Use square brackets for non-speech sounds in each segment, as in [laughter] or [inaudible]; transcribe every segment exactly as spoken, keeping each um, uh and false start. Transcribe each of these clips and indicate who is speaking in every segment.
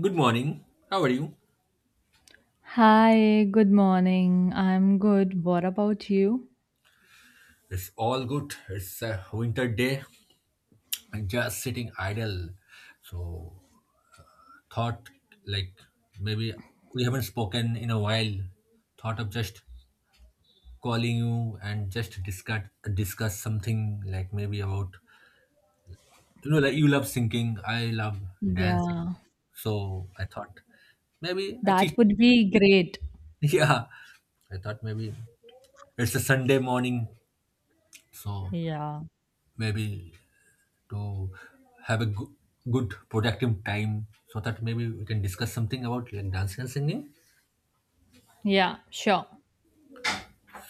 Speaker 1: Good morning. How are you?
Speaker 2: Hi, good morning. I'm good. What about you?
Speaker 1: It's all good. It's a winter day. I'm just sitting idle. So, thought, like, maybe we haven't spoken in a while. Thought of just calling you and just discuss discuss something like maybe about you know like you love singing, I love dancing.
Speaker 2: Yeah,
Speaker 1: So I thought maybe I
Speaker 2: that
Speaker 1: cheat.
Speaker 2: would be great.
Speaker 1: [laughs] Yeah, I thought maybe it's a Sunday morning, so
Speaker 2: Yeah,
Speaker 1: maybe to have a goo- good productive time so that maybe we can discuss something about like dancing and singing.
Speaker 2: yeah, sure.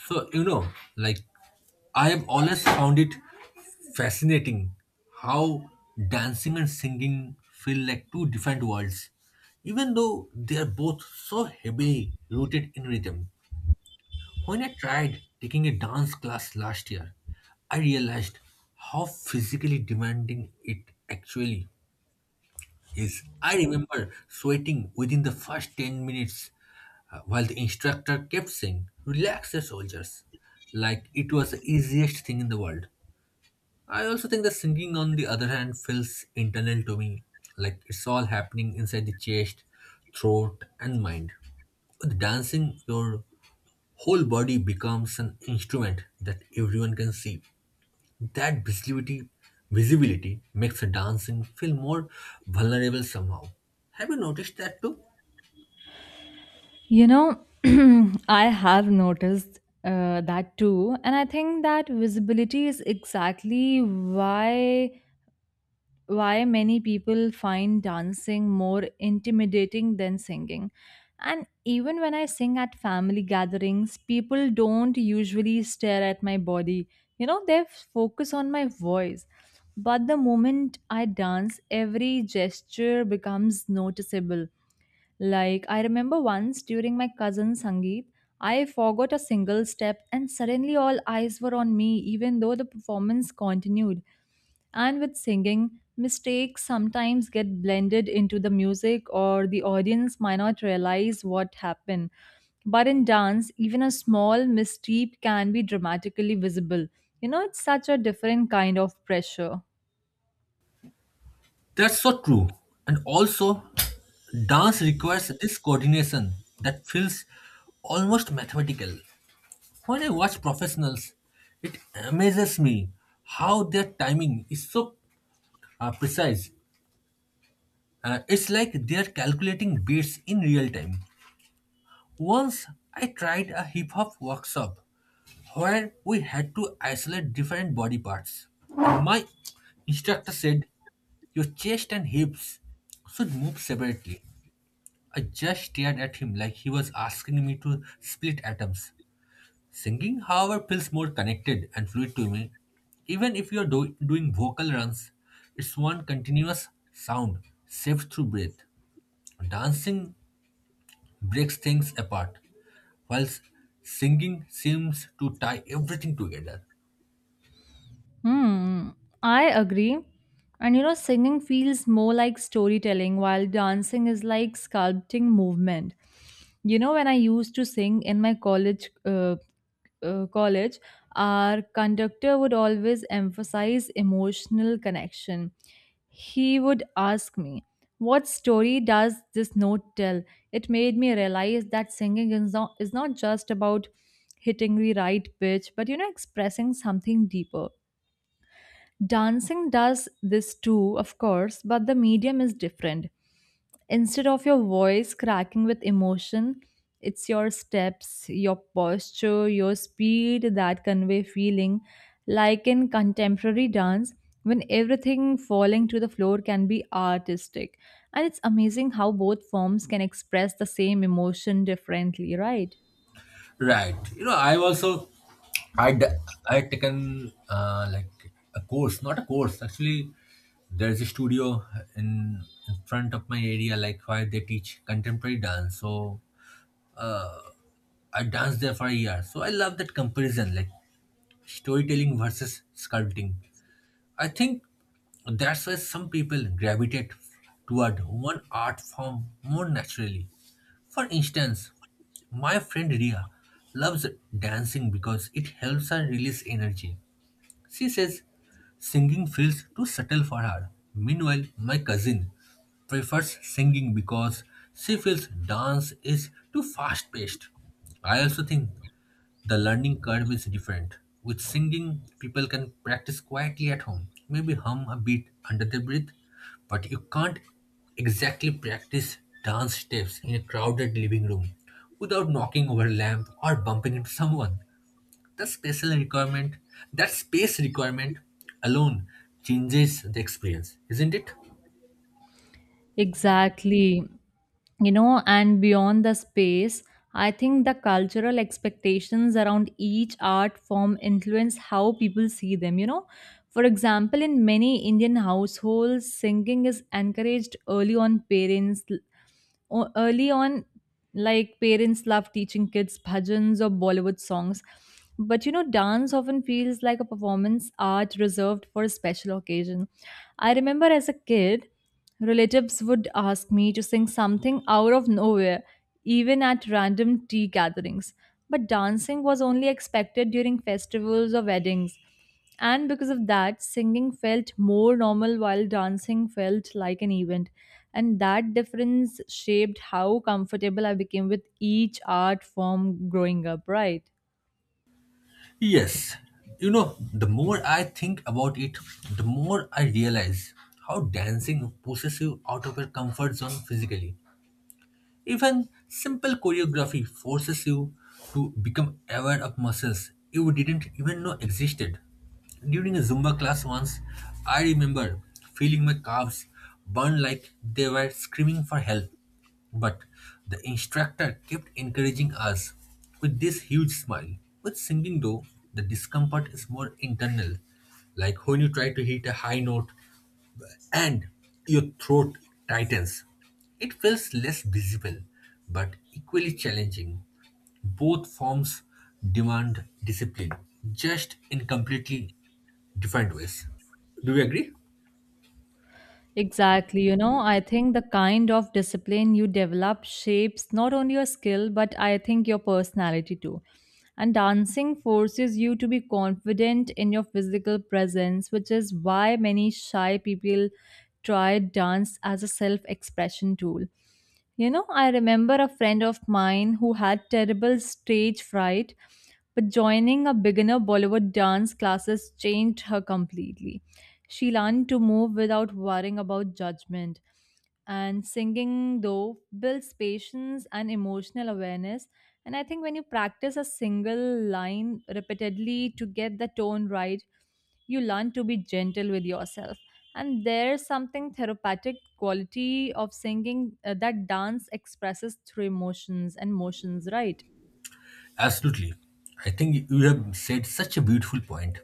Speaker 1: So you know like I have always found it fascinating how dancing and singing feel like two different worlds, even though they are both so heavily rooted in rhythm. When I tried taking a dance class last year, I realized how physically demanding it actually... Yes, I remember sweating within the first ten minutes, uh, while the instructor kept saying, "Relax your soldiers," like it was the easiest thing in the world. I also think the singing, on the other hand, feels internal to me, like it's all happening inside the chest, throat, and mind. With dancing, your whole body becomes an instrument that everyone can see. That visibility, visibility makes dancing feel more vulnerable somehow. Have you noticed that too?
Speaker 2: You know, [clears throat] I have noticed uh, that too, and I think that visibility is exactly why why many people find dancing more intimidating than singing. And even when I sing at family gatherings, people don't usually stare at my body. You know, they focus on my voice. But the moment I dance, every gesture becomes noticeable. Like, I remember once during my cousin's Sangeet, I forgot a single step and suddenly all eyes were on me, even though the performance continued. And with singing, mistakes sometimes get blended into the music, or the audience might not realize what happened. But in dance, even a small misstep can be dramatically visible. You know, it's such a different kind of pressure.
Speaker 1: That's so true. And also, dance requires this coordination that feels almost mathematical. When I watch professionals, it amazes me how their timing is so uh, precise. Uh, it's like they're calculating beats in real time. Once I tried a hip hop workshop where we had to isolate different body parts. My instructor said, "Your chest and hips should move separately." I just stared at him like he was asking me to split atoms. Singing, however, feels more connected and fluid to me. Even if you're do- doing vocal runs, it's one continuous sound, saved through breath. Dancing breaks things apart, whilst singing seems to tie everything together.
Speaker 2: Hmm, I agree. And you know, singing feels more like storytelling while dancing is like sculpting movement. You know, when I used to sing in my college uh, uh, college, our conductor would always emphasize emotional connection. He would ask me, what story does this note tell? It made me realize that singing is not, is not just about hitting the right pitch, but you know, expressing something deeper. Dancing does this too, of course, but the medium is different. Instead of your voice cracking with emotion, it's your steps, your posture, your speed that convey feeling. Like in contemporary dance, when everything falling to the floor can be artistic. And it's amazing how both forms can express the same emotion differently, right?
Speaker 1: Right. You know, I've also I'd I had taken uh, like a course, not a course. Actually, there's a studio in in front of my area, like where they teach contemporary dance. So I danced there for a year. So I love that comparison, like storytelling versus sculpting. I think that's why some people gravitate toward one art form more naturally. For instance, my friend Ria loves dancing because it helps her release energy. She says singing feels too subtle for her. Meanwhile, my cousin prefers singing because she feels dance is too fast paced. I also think the learning curve is different. With singing, people can practice quietly at home, maybe hum a bit under their breath, but you can't exactly practice dance steps in a crowded living room without knocking over a lamp or bumping into someone. The special requirement, that space requirement alone changes the experience, isn't it?
Speaker 2: Exactly. You know, and beyond the space, I think the cultural expectations around each art form influence how people see them. You know, for example, in many Indian households, singing is encouraged early on parents O- early on, like parents love teaching kids bhajans or Bollywood songs. But you know, dance often feels like a performance art reserved for a special occasion. I remember as a kid, relatives would ask me to sing something out of nowhere, even at random tea gatherings. But dancing was only expected during festivals or weddings. And because of that, singing felt more normal while dancing felt like an event. And that difference shaped how comfortable I became with each art form growing up, right?
Speaker 1: Yes, you know, the more I think about it, the more I realize how dancing pushes you out of your comfort zone physically. Even simple choreography forces you to become aware of muscles you didn't even know existed. During a Zumba class once, I remember feeling my calves burn like they were screaming for help. But the instructor kept encouraging us with this huge smile. With singing, though, the discomfort is more internal, like when you try to hit a high note and your throat tightens. It feels less visible but equally challenging. Both forms demand discipline, just in completely different ways. Do we agree?
Speaker 2: Exactly. You know, I think the kind of discipline you develop shapes not only your skill, but I think your personality too. And dancing forces you to be confident in your physical presence, which is why many shy people try dance as a self expression tool. You know, I remember a friend of mine who had terrible stage fright, but joining a beginner Bollywood dance classes changed her completely. She learned to move without worrying about judgment. And singing, though, builds patience and emotional awareness. And I think when you practice a single line repeatedly to get the tone right, you learn to be gentle with yourself. And there's something therapeutic quality of singing uh, that dance expresses through emotions and motions, right?
Speaker 1: Absolutely. I think you have said such a beautiful point.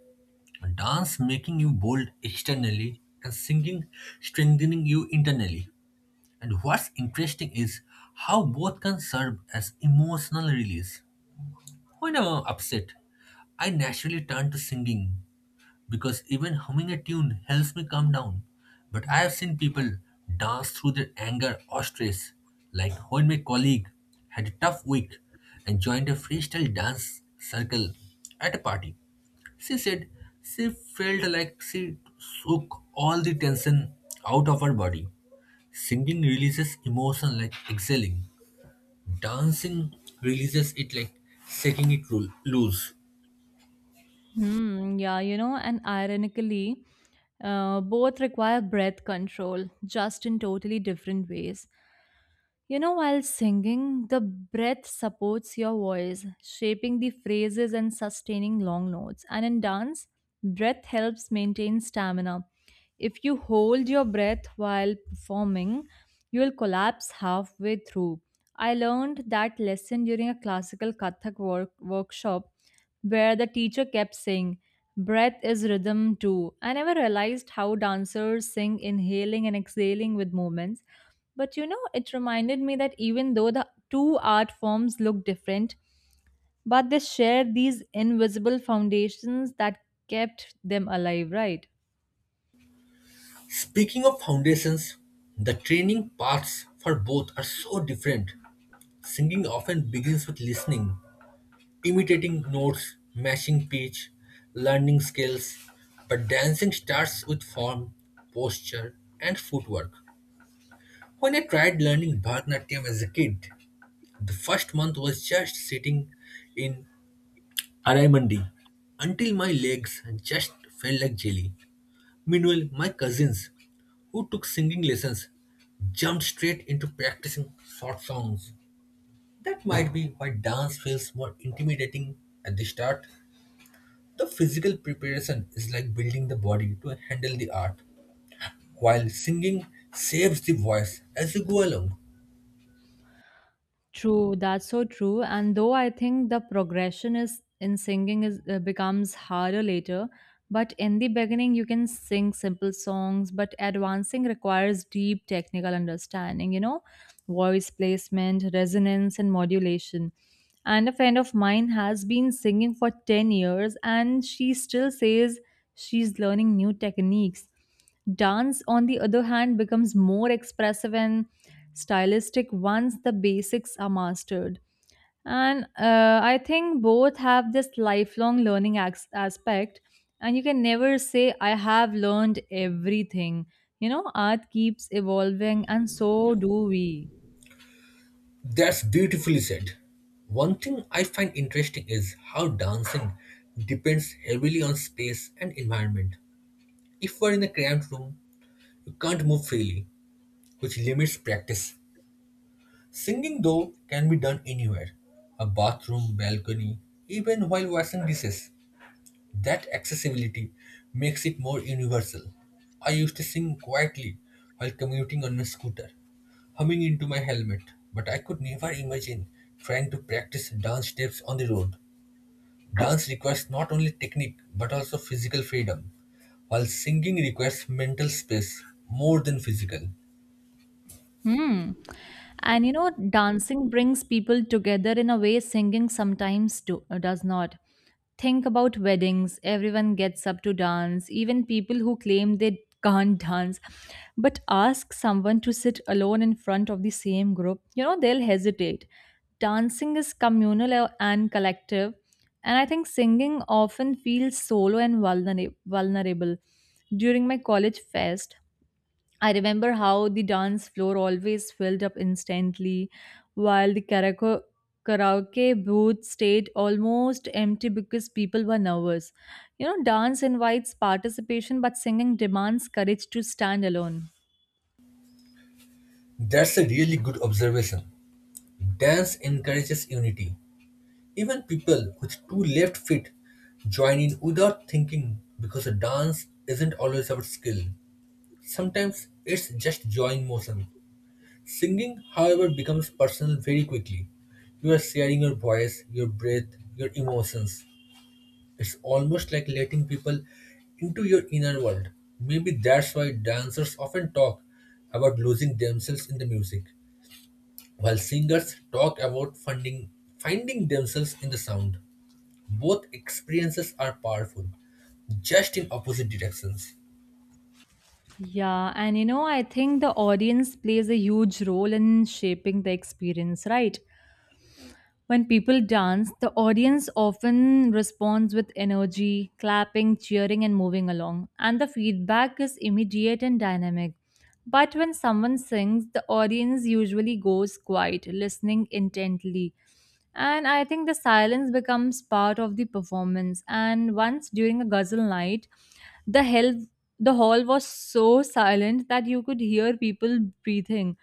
Speaker 1: Dance making you bold externally and singing strengthening you internally. And what's interesting is how both can serve as emotional release. When I'm upset, I naturally turn to singing because even humming a tune helps me calm down. But I have seen people dance through their anger or stress, like when my colleague had a tough week and joined a freestyle dance circle at a party. She said she felt like she shook all the tension out of her body. Singing releases emotion like exhaling. Dancing releases it like shaking it roo- loose.
Speaker 2: Hmm, yeah, you know, and ironically, uh, both require breath control, just in totally different ways. You know, while singing, the breath supports your voice, shaping the phrases and sustaining long notes. And in dance, breath helps maintain stamina. If you hold your breath while performing, you will collapse halfway through. I learned that lesson during a classical Kathak work- workshop where the teacher kept saying, breath is rhythm too. I never realized how dancers sing inhaling and exhaling with movements but you know, it reminded me that even though the two art forms look different, but they share these invisible foundations that kept them alive, right?
Speaker 1: Speaking of foundations, the training paths for both are so different. Singing often begins with listening, imitating notes, matching pitch, learning scales, but dancing starts with form, posture, and footwork. When I tried learning Bharatanatyam as a kid, the first month was just sitting in Araimandi until my legs just felt like jelly. Meanwhile, my cousins who took singing lessons jumped straight into practicing short songs. That might be why dance feels more intimidating at the start. The physical preparation is like building the body to handle the art, while singing saves the voice as you go along.
Speaker 2: True, that's so true. And though I think the progression is in singing is uh, becomes harder later, but in the beginning you can sing simple songs, but advancing requires deep technical understanding, you know, voice placement, resonance and modulation. And a friend of mine has been singing for ten years and she still says she's learning new techniques. Dance, on the other hand, becomes more expressive and stylistic once the basics are mastered. And uh, I think both have this lifelong learning as- aspect. And you can never say, I have learned everything. You know, art keeps evolving, and so do we.
Speaker 1: That's beautifully said. One thing I find interesting is how dancing depends heavily on space and environment. If you are in a cramped room, you can't move freely, which limits practice. Singing, though, can be done anywhere, a bathroom, balcony, even while washing dishes. That accessibility makes it more universal. I used to sing quietly while commuting on my scooter, humming into my helmet, but I could never imagine trying to practice dance steps on the road. Dance requires not only technique but also physical freedom, while singing requires mental space more than physical.
Speaker 2: Hmm. And you know, dancing brings people together in a way singing sometimes do, uh, does not. Think about weddings, everyone gets up to dance, even people who claim they can't dance. But ask someone to sit alone in front of the same group, you know, they'll hesitate. Dancing is communal a- and collective, and I think singing often feels solo and vulnera- vulnerable. During my college fest, I remember how the dance floor always filled up instantly, while the karaoke, karaoke booth stayed almost empty because people were nervous. You know, dance invites participation, but singing demands courage to stand alone.
Speaker 1: That's a really good observation. Dance encourages unity. Even people with two left feet join in without thinking because a dance isn't always about skill. Sometimes it's just join motion. Singing, however, becomes personal very quickly. You are sharing your voice, your breath, your emotions. It's almost like letting people into your inner world. Maybe that's why dancers often talk about losing themselves in the music, while singers talk about funding, finding themselves in the sound. Both experiences are powerful, just in opposite directions.
Speaker 2: Yeah, and you know, I think the audience plays a huge role in shaping the experience, right? When people dance, the audience often responds with energy, clapping, cheering, and moving along, and the feedback is immediate and dynamic. But when someone sings, the audience usually goes quiet, listening intently. And I think the silence becomes part of the performance. And once during a ghazal night, the hell the hall was so silent that you could hear people breathing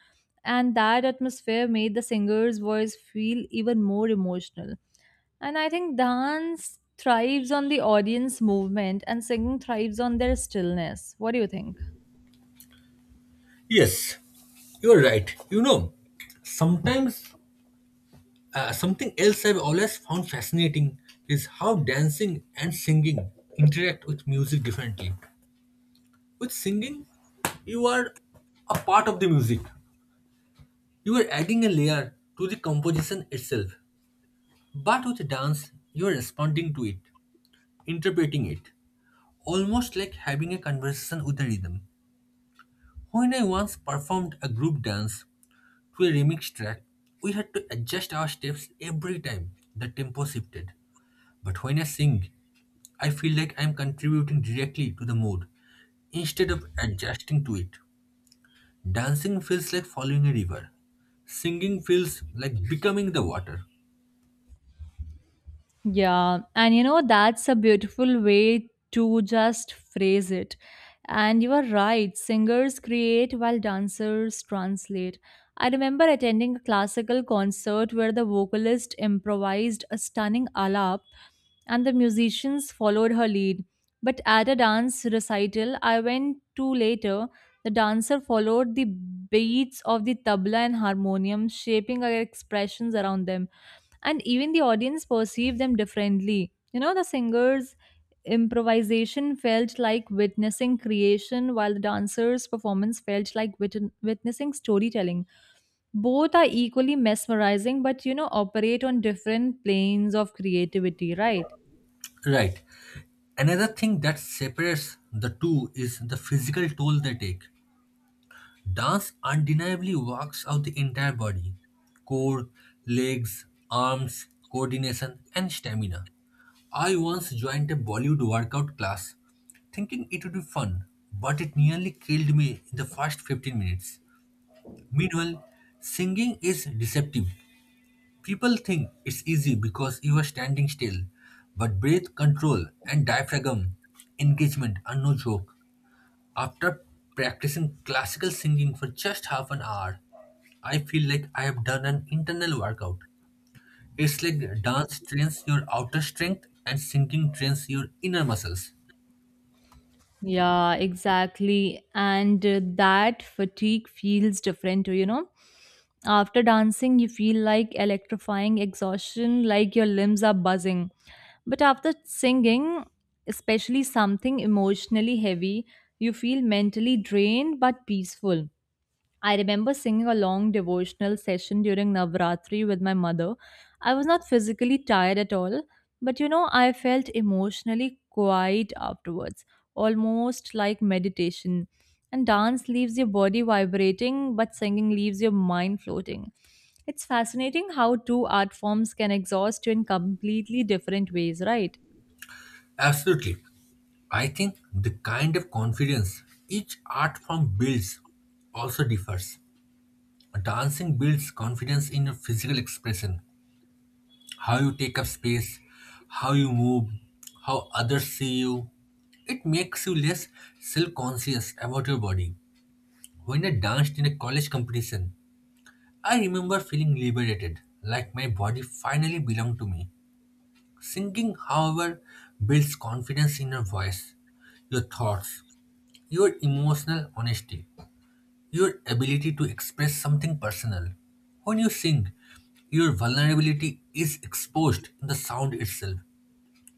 Speaker 2: and that atmosphere made the singer's voice feel even more emotional. And I think dance thrives on the audience movement and singing thrives on their stillness. What do you think?
Speaker 1: Yes, you're right. You know, sometimes uh, something else I've always found fascinating is how dancing and singing interact with music differently. With singing, you are a part of the music, you are adding a layer to the composition itself. But with dance, you are responding to it, interpreting it, almost like having a conversation with the rhythm. When I once performed a group dance to a remix track, we had to adjust our steps every time the tempo shifted. But when I sing, I feel like I'm contributing directly to the mood instead of adjusting to it. Dancing feels like following a river. Singing feels like becoming the water.
Speaker 2: Yeah, and you know, that's a beautiful way to just phrase it. And you are right, singers create while dancers translate. I remember attending a classical concert where the vocalist improvised a stunning alap and the musicians followed her lead. But at a dance recital I went to later, the dancer followed the beats of the tabla and harmonium, shaping her expressions around them and even the audience perceived them differently. You know, the singers' improvisation felt like witnessing creation, while the dancers' performance felt like wit- witnessing storytelling. Both are equally mesmerizing, but you know, operate on different planes of creativity, right?
Speaker 1: Right. Another thing that separates the two is the physical toll they take. Dance undeniably works out the entire body, core, legs, arms, coordination, and stamina. I once joined a Bollywood workout class thinking it would be fun, but it nearly killed me in the first fifteen minutes. Meanwhile, singing is deceptive. People think it's easy because you are standing still, but breath control and diaphragm engagement are no joke. After practicing classical singing for just half an hour, I feel like I have done an internal workout. It's like dance trains your outer strength and singing trains your inner muscles.
Speaker 2: Yeah, exactly. And uh, that fatigue feels different, you know. After dancing, you feel like electrifying exhaustion, like your limbs are buzzing. But after singing, especially something emotionally heavy, you feel mentally drained but peaceful. I remember singing a long devotional session during Navratri with my mother. I was not physically tired at all, but you know, I felt emotionally quiet afterwards, almost like meditation. And dance leaves your body vibrating, but singing leaves your mind floating. It's fascinating how two art forms can exhaust you in completely different ways, right?
Speaker 1: Absolutely. I think the kind of confidence each art form builds also differs. Dancing builds confidence in your physical expression, how you take up space, how you move, how others see you. It makes you less self conscious about your body. When I danced in a college competition, I remember feeling liberated, like my body finally belonged to me. Singing, however, builds confidence in your voice, your thoughts, your emotional honesty, your ability to express something personal. When you sing, your vulnerability is exposed in the sound itself.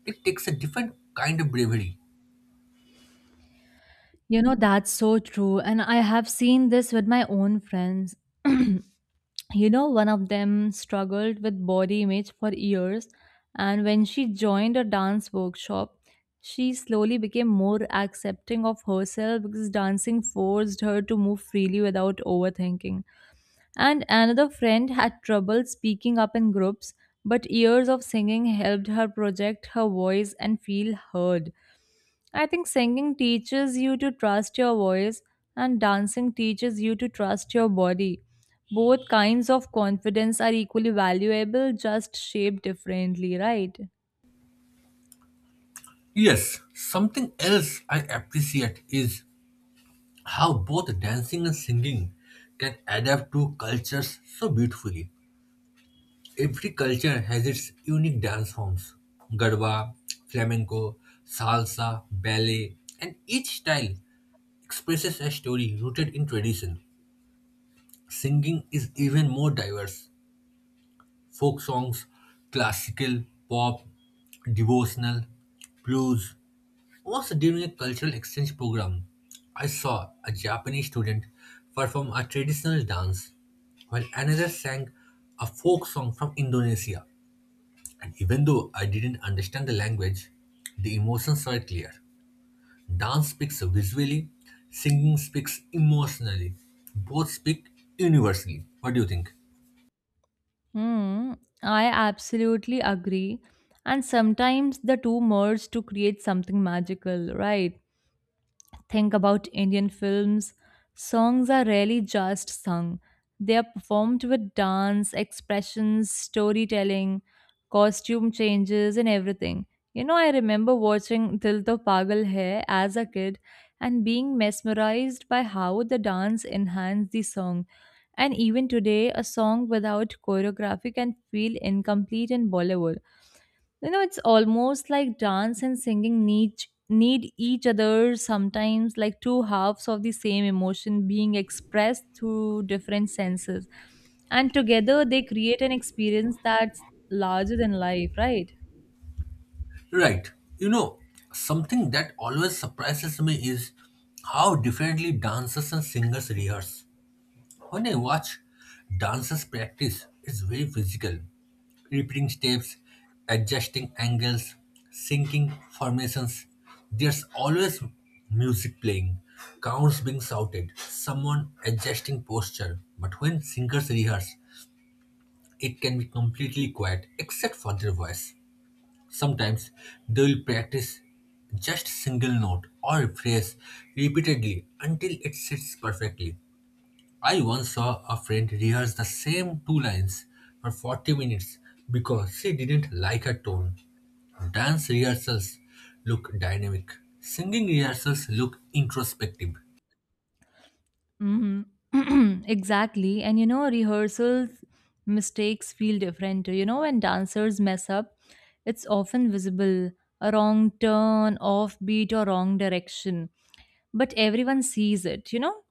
Speaker 1: It takes a different kind of bravery.
Speaker 2: You know, that's so true. And I have seen this with my own friends. [clears throat] You know, one of them struggled with body image for years, and when she joined a dance workshop, she slowly became more accepting of herself because dancing forced her to move freely without overthinking. And another friend had trouble speaking up in groups, but years of singing helped her project her voice and feel heard. I think singing teaches you to trust your voice, and dancing teaches you to trust your body. Both kinds of confidence are equally valuable, just shaped differently, right?
Speaker 1: Yes, something else I appreciate is how both dancing and singing can adapt to cultures so beautifully. Every culture has its unique dance forms, Garba, flamenco, salsa, ballet, and each style expresses a story rooted in tradition. Singing is even more diverse, folk songs, classical, pop, devotional, blues. Once during a cultural exchange program, I saw a Japanese student perform a traditional dance while another sang a folk song from Indonesia. And even though I didn't understand the language, the emotions were clear. Dance speaks visually, singing speaks emotionally. Both speak universally. What do you think?
Speaker 2: Hmm, I absolutely agree. And sometimes the two merge to create something magical, right? Think about Indian films, songs are rarely just sung. They are performed with dance, expressions, storytelling, costume changes, and everything. You know, I remember watching Dil To Pagal Hai as a kid and being mesmerized by how the dance enhanced the song. And even today, a song without choreography can feel incomplete in Bollywood. You know, it's almost like dance and singing need need each other sometimes, like two halves of the same emotion being expressed through different senses, and together they create an experience that's larger than life, right?
Speaker 1: Right. You know, something that always surprises me is how differently dancers and singers rehearse. When I watch dancers practice, it's very physical. Repeating steps, adjusting angles, syncing formations. There's always music playing, counts being shouted, someone adjusting posture. But when singers rehearse, it can be completely quiet except for their voice. Sometimes they will practice just single note or phrase repeatedly until it sits perfectly. I once saw a friend rehearse the same two lines for forty minutes because she didn't like her tone. Dance rehearsals look dynamic, singing rehearsals look introspective.
Speaker 2: Mm-hmm. [clears throat] Exactly. And you know, rehearsals mistakes feel different. You know, when dancers mess up, it's often visible, a wrong turn, offbeat, or wrong direction. But everyone sees it, you know?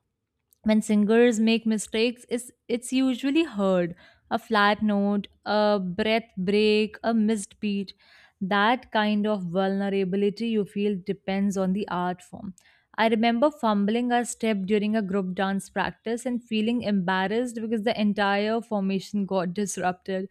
Speaker 2: When singers make mistakes it's, it's usually heard, a flat note, a breath break, a missed beat. That kind of vulnerability you feel depends on the art form. I remember fumbling a step during a group dance practice and feeling embarrassed because the entire formation got disrupted,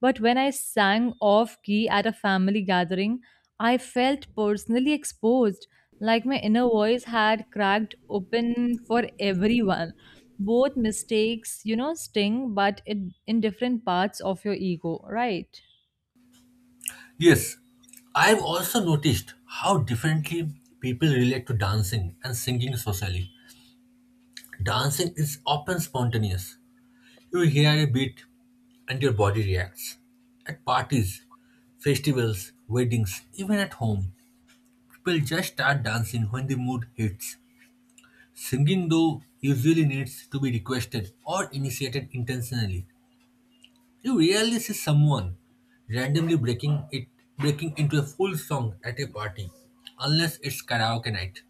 Speaker 2: but when I sang off key at a family gathering, I felt personally exposed, like my inner voice had cracked open for everyone. Both mistakes, you know, sting, but it, in different parts of your ego, right?
Speaker 1: Yes, I've also noticed how differently people relate to dancing and singing socially. Dancing is often spontaneous. You hear a beat and your body reacts. At parties, festivals, weddings, even at home, people just start dancing when the mood hits. Singing, though, usually needs to be requested or initiated intentionally. You rarely see someone randomly breaking it breaking into a full song at a party, unless it's karaoke night.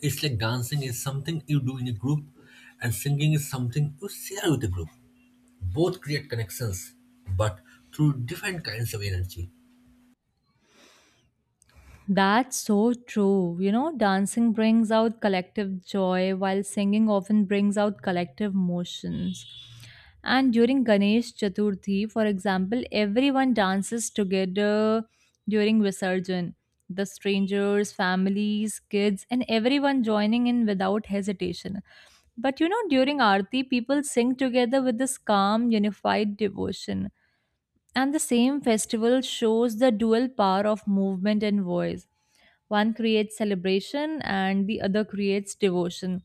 Speaker 1: It's like dancing is something you do in a group, and singing is something you share with a group. Both create connections, but through different kinds of energy.
Speaker 2: That's so true. You know, dancing brings out collective joy while singing often brings out collective emotions. And during Ganesh Chaturthi, for example, everyone dances together during Visarjan. The strangers, families, kids, and everyone joining in without hesitation. But you know, during Aarti, people sing together with this calm, unified devotion. And the same festival shows the dual power of movement and voice. One creates celebration and the other creates devotion.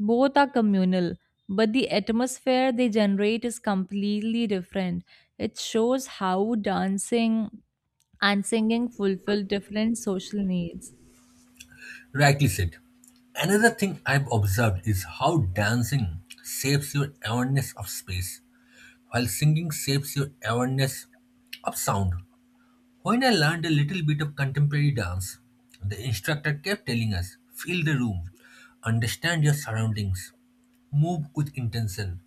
Speaker 2: Both are communal, but the atmosphere they generate is completely different. It shows how dancing and singing fulfill different social needs.
Speaker 1: Rightly said. Another thing I've observed is how dancing shapes your awareness of space, while singing shapes your awareness of sound. When I learned a little bit of contemporary dance, the instructor kept telling us, "Feel the room, understand your surroundings, move with intention."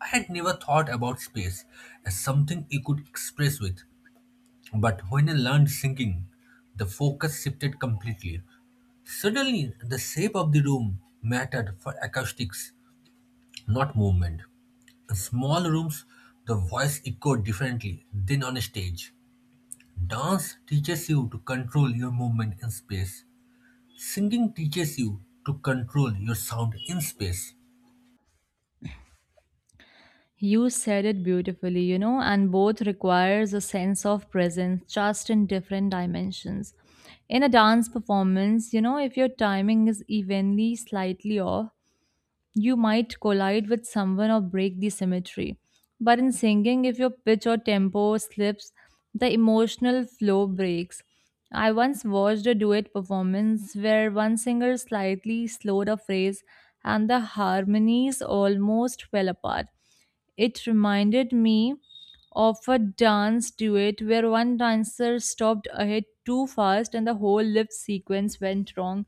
Speaker 1: I had never thought about space as something you could express with. But when I learned singing, the focus shifted completely. Suddenly, the shape of the room mattered for acoustics, not movement. In small rooms, the voice echoed differently than on a stage. Dance teaches you to control your movement in space. Singing teaches you to control your sound in space.
Speaker 2: You said it beautifully, you know, and both requires a sense of presence just in different dimensions. In a dance performance, you know, if your timing is evenly slightly off, you might collide with someone or break the symmetry. But in singing, if your pitch or tempo slips, the emotional flow breaks. I once watched a duet performance where one singer slightly slowed a phrase and the harmonies almost fell apart. It reminded me of a dance duet where one dancer stopped ahead too fast and the whole lift sequence went wrong.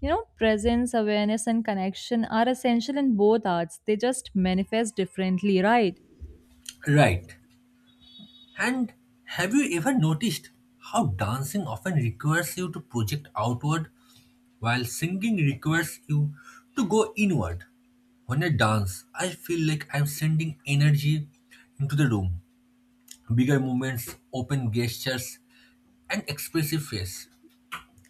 Speaker 2: You know, presence, awareness, and connection are essential in both arts. They just manifest differently, right?
Speaker 1: Right. And have you ever noticed how dancing often requires you to project outward, while singing requires you to go inward? When I dance, I feel like I'm sending energy into the room. Bigger movements, open gestures, and expressive face.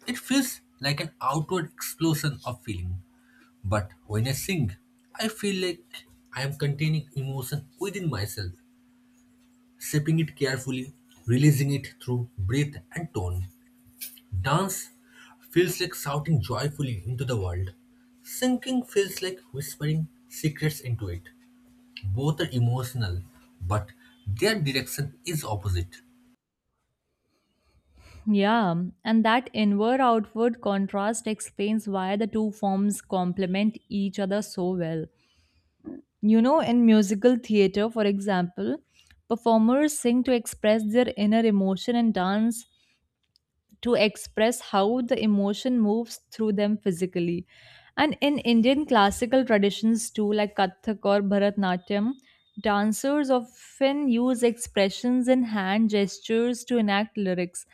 Speaker 1: It feels like an outward explosion of feeling. But when I sing, I feel like I am containing emotion within myself, shaping it carefully, releasing it through breath and tone. Dance feels like shouting joyfully into the world. Singing feels like whispering secrets into it. Both are emotional, but their direction is opposite.
Speaker 2: Yeah, and that inward outward contrast explains why the two forms complement each other so well. You know, in musical theater, for example, performers sing to express their inner emotion and dance to express how the emotion moves through them physically. And in Indian classical traditions too, like Kathak or Bharatnatyam, dancers often use expressions and hand gestures to enact lyrics,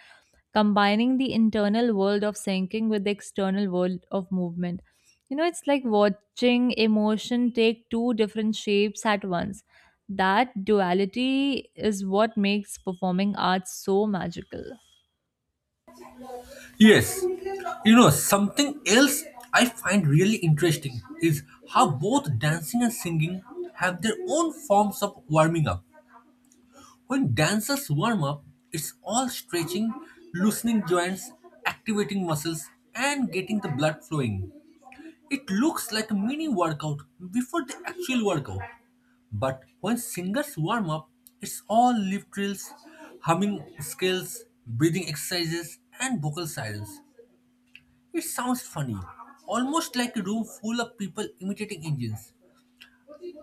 Speaker 2: combining the internal world of thinking with the external world of movement. You know, it's like watching emotion take two different shapes at once. That duality is what makes performing arts so magical.
Speaker 1: Yes, you know, something else I find really interesting is how both dancing and singing have their own forms of warming up. When dancers warm up, it's all stretching, loosening joints, activating muscles, and getting the blood flowing. It looks like a mini workout before the actual workout. But when singers warm up, it's all lip drills, humming scales, breathing exercises, and vocal sirens. It sounds funny, almost like a room full of people imitating engines.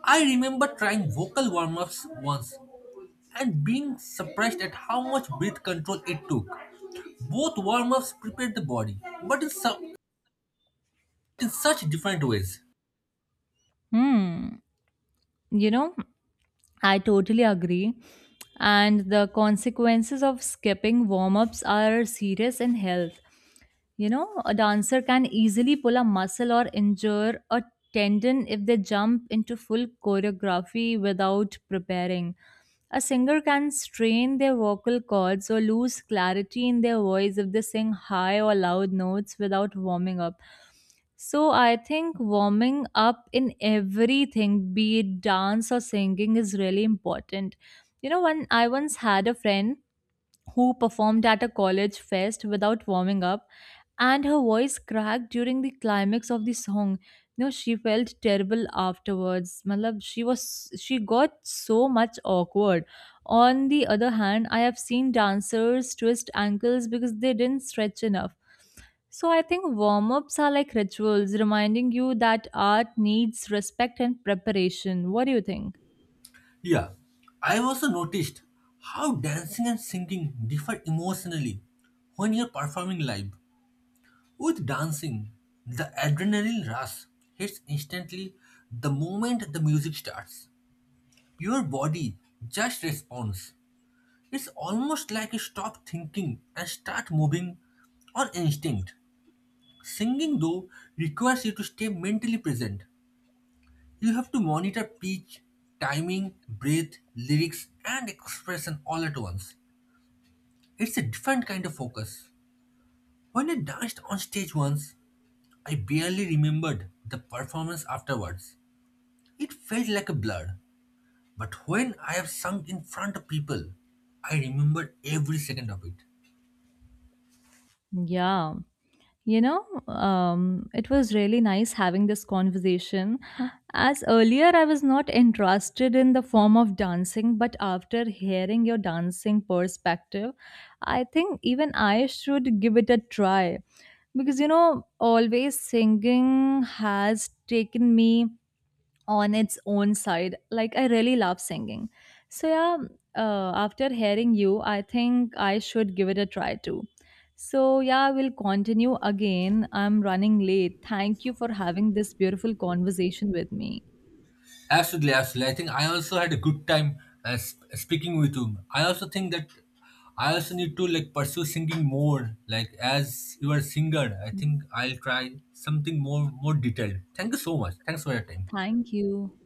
Speaker 1: I remember trying vocal warm ups once and being surprised at how much breath control it took. Both warm ups prepared the body, but in, su- in such different ways.
Speaker 2: Hmm. You know, I totally agree. And the consequences of skipping warm ups are serious in health. You know, a dancer can easily pull a muscle or injure a tendon if they jump into full choreography without preparing. A singer can strain their vocal cords or lose clarity in their voice if they sing high or loud notes without warming up. So I think warming up in everything, be it dance or singing, is really important. You know, when I once had a friend who performed at a college fest without warming up, and her voice cracked during the climax of the song. You know, she felt terrible afterwards. Malab, she was she got so much awkward. On the other hand, I have seen dancers twist ankles because they didn't stretch enough. So I think warm ups are like rituals, reminding you that art needs respect and preparation. What do you think?
Speaker 1: Yeah, I also noticed how dancing and singing differ emotionally when you're performing live. With dancing, the adrenaline rush hits instantly the moment the music starts. Your body just responds. It's almost like you stop thinking and start moving on instinct. Singing, though, requires you to stay mentally present. You have to monitor pitch, timing, breath, lyrics, and expression all at once. It's a different kind of focus. When I danced on stage once, I barely remembered the performance afterwards. It felt like a blur. But when I have sung in front of people, I remember every second of it.
Speaker 2: Yeah. You know, um, it was really nice having this conversation. As earlier, I was not interested in the form of dancing, but after hearing your dancing perspective, I think even I should give it a try. Because, you know, always singing has taken me on its own side. Like I really love singing. So yeah, uh, after hearing you, I think I should give it a try too. So yeah, we'll continue again. I'm running late. Thank you for having this beautiful conversation with me.
Speaker 1: Absolutely, absolutely. I think I also had a good time uh, sp- uh, speaking with you. I also think that I also need to like pursue singing more. Like as you are a singer, I think I'll try something more more detailed. Thank you so much. Thanks for your time.
Speaker 2: Thank you.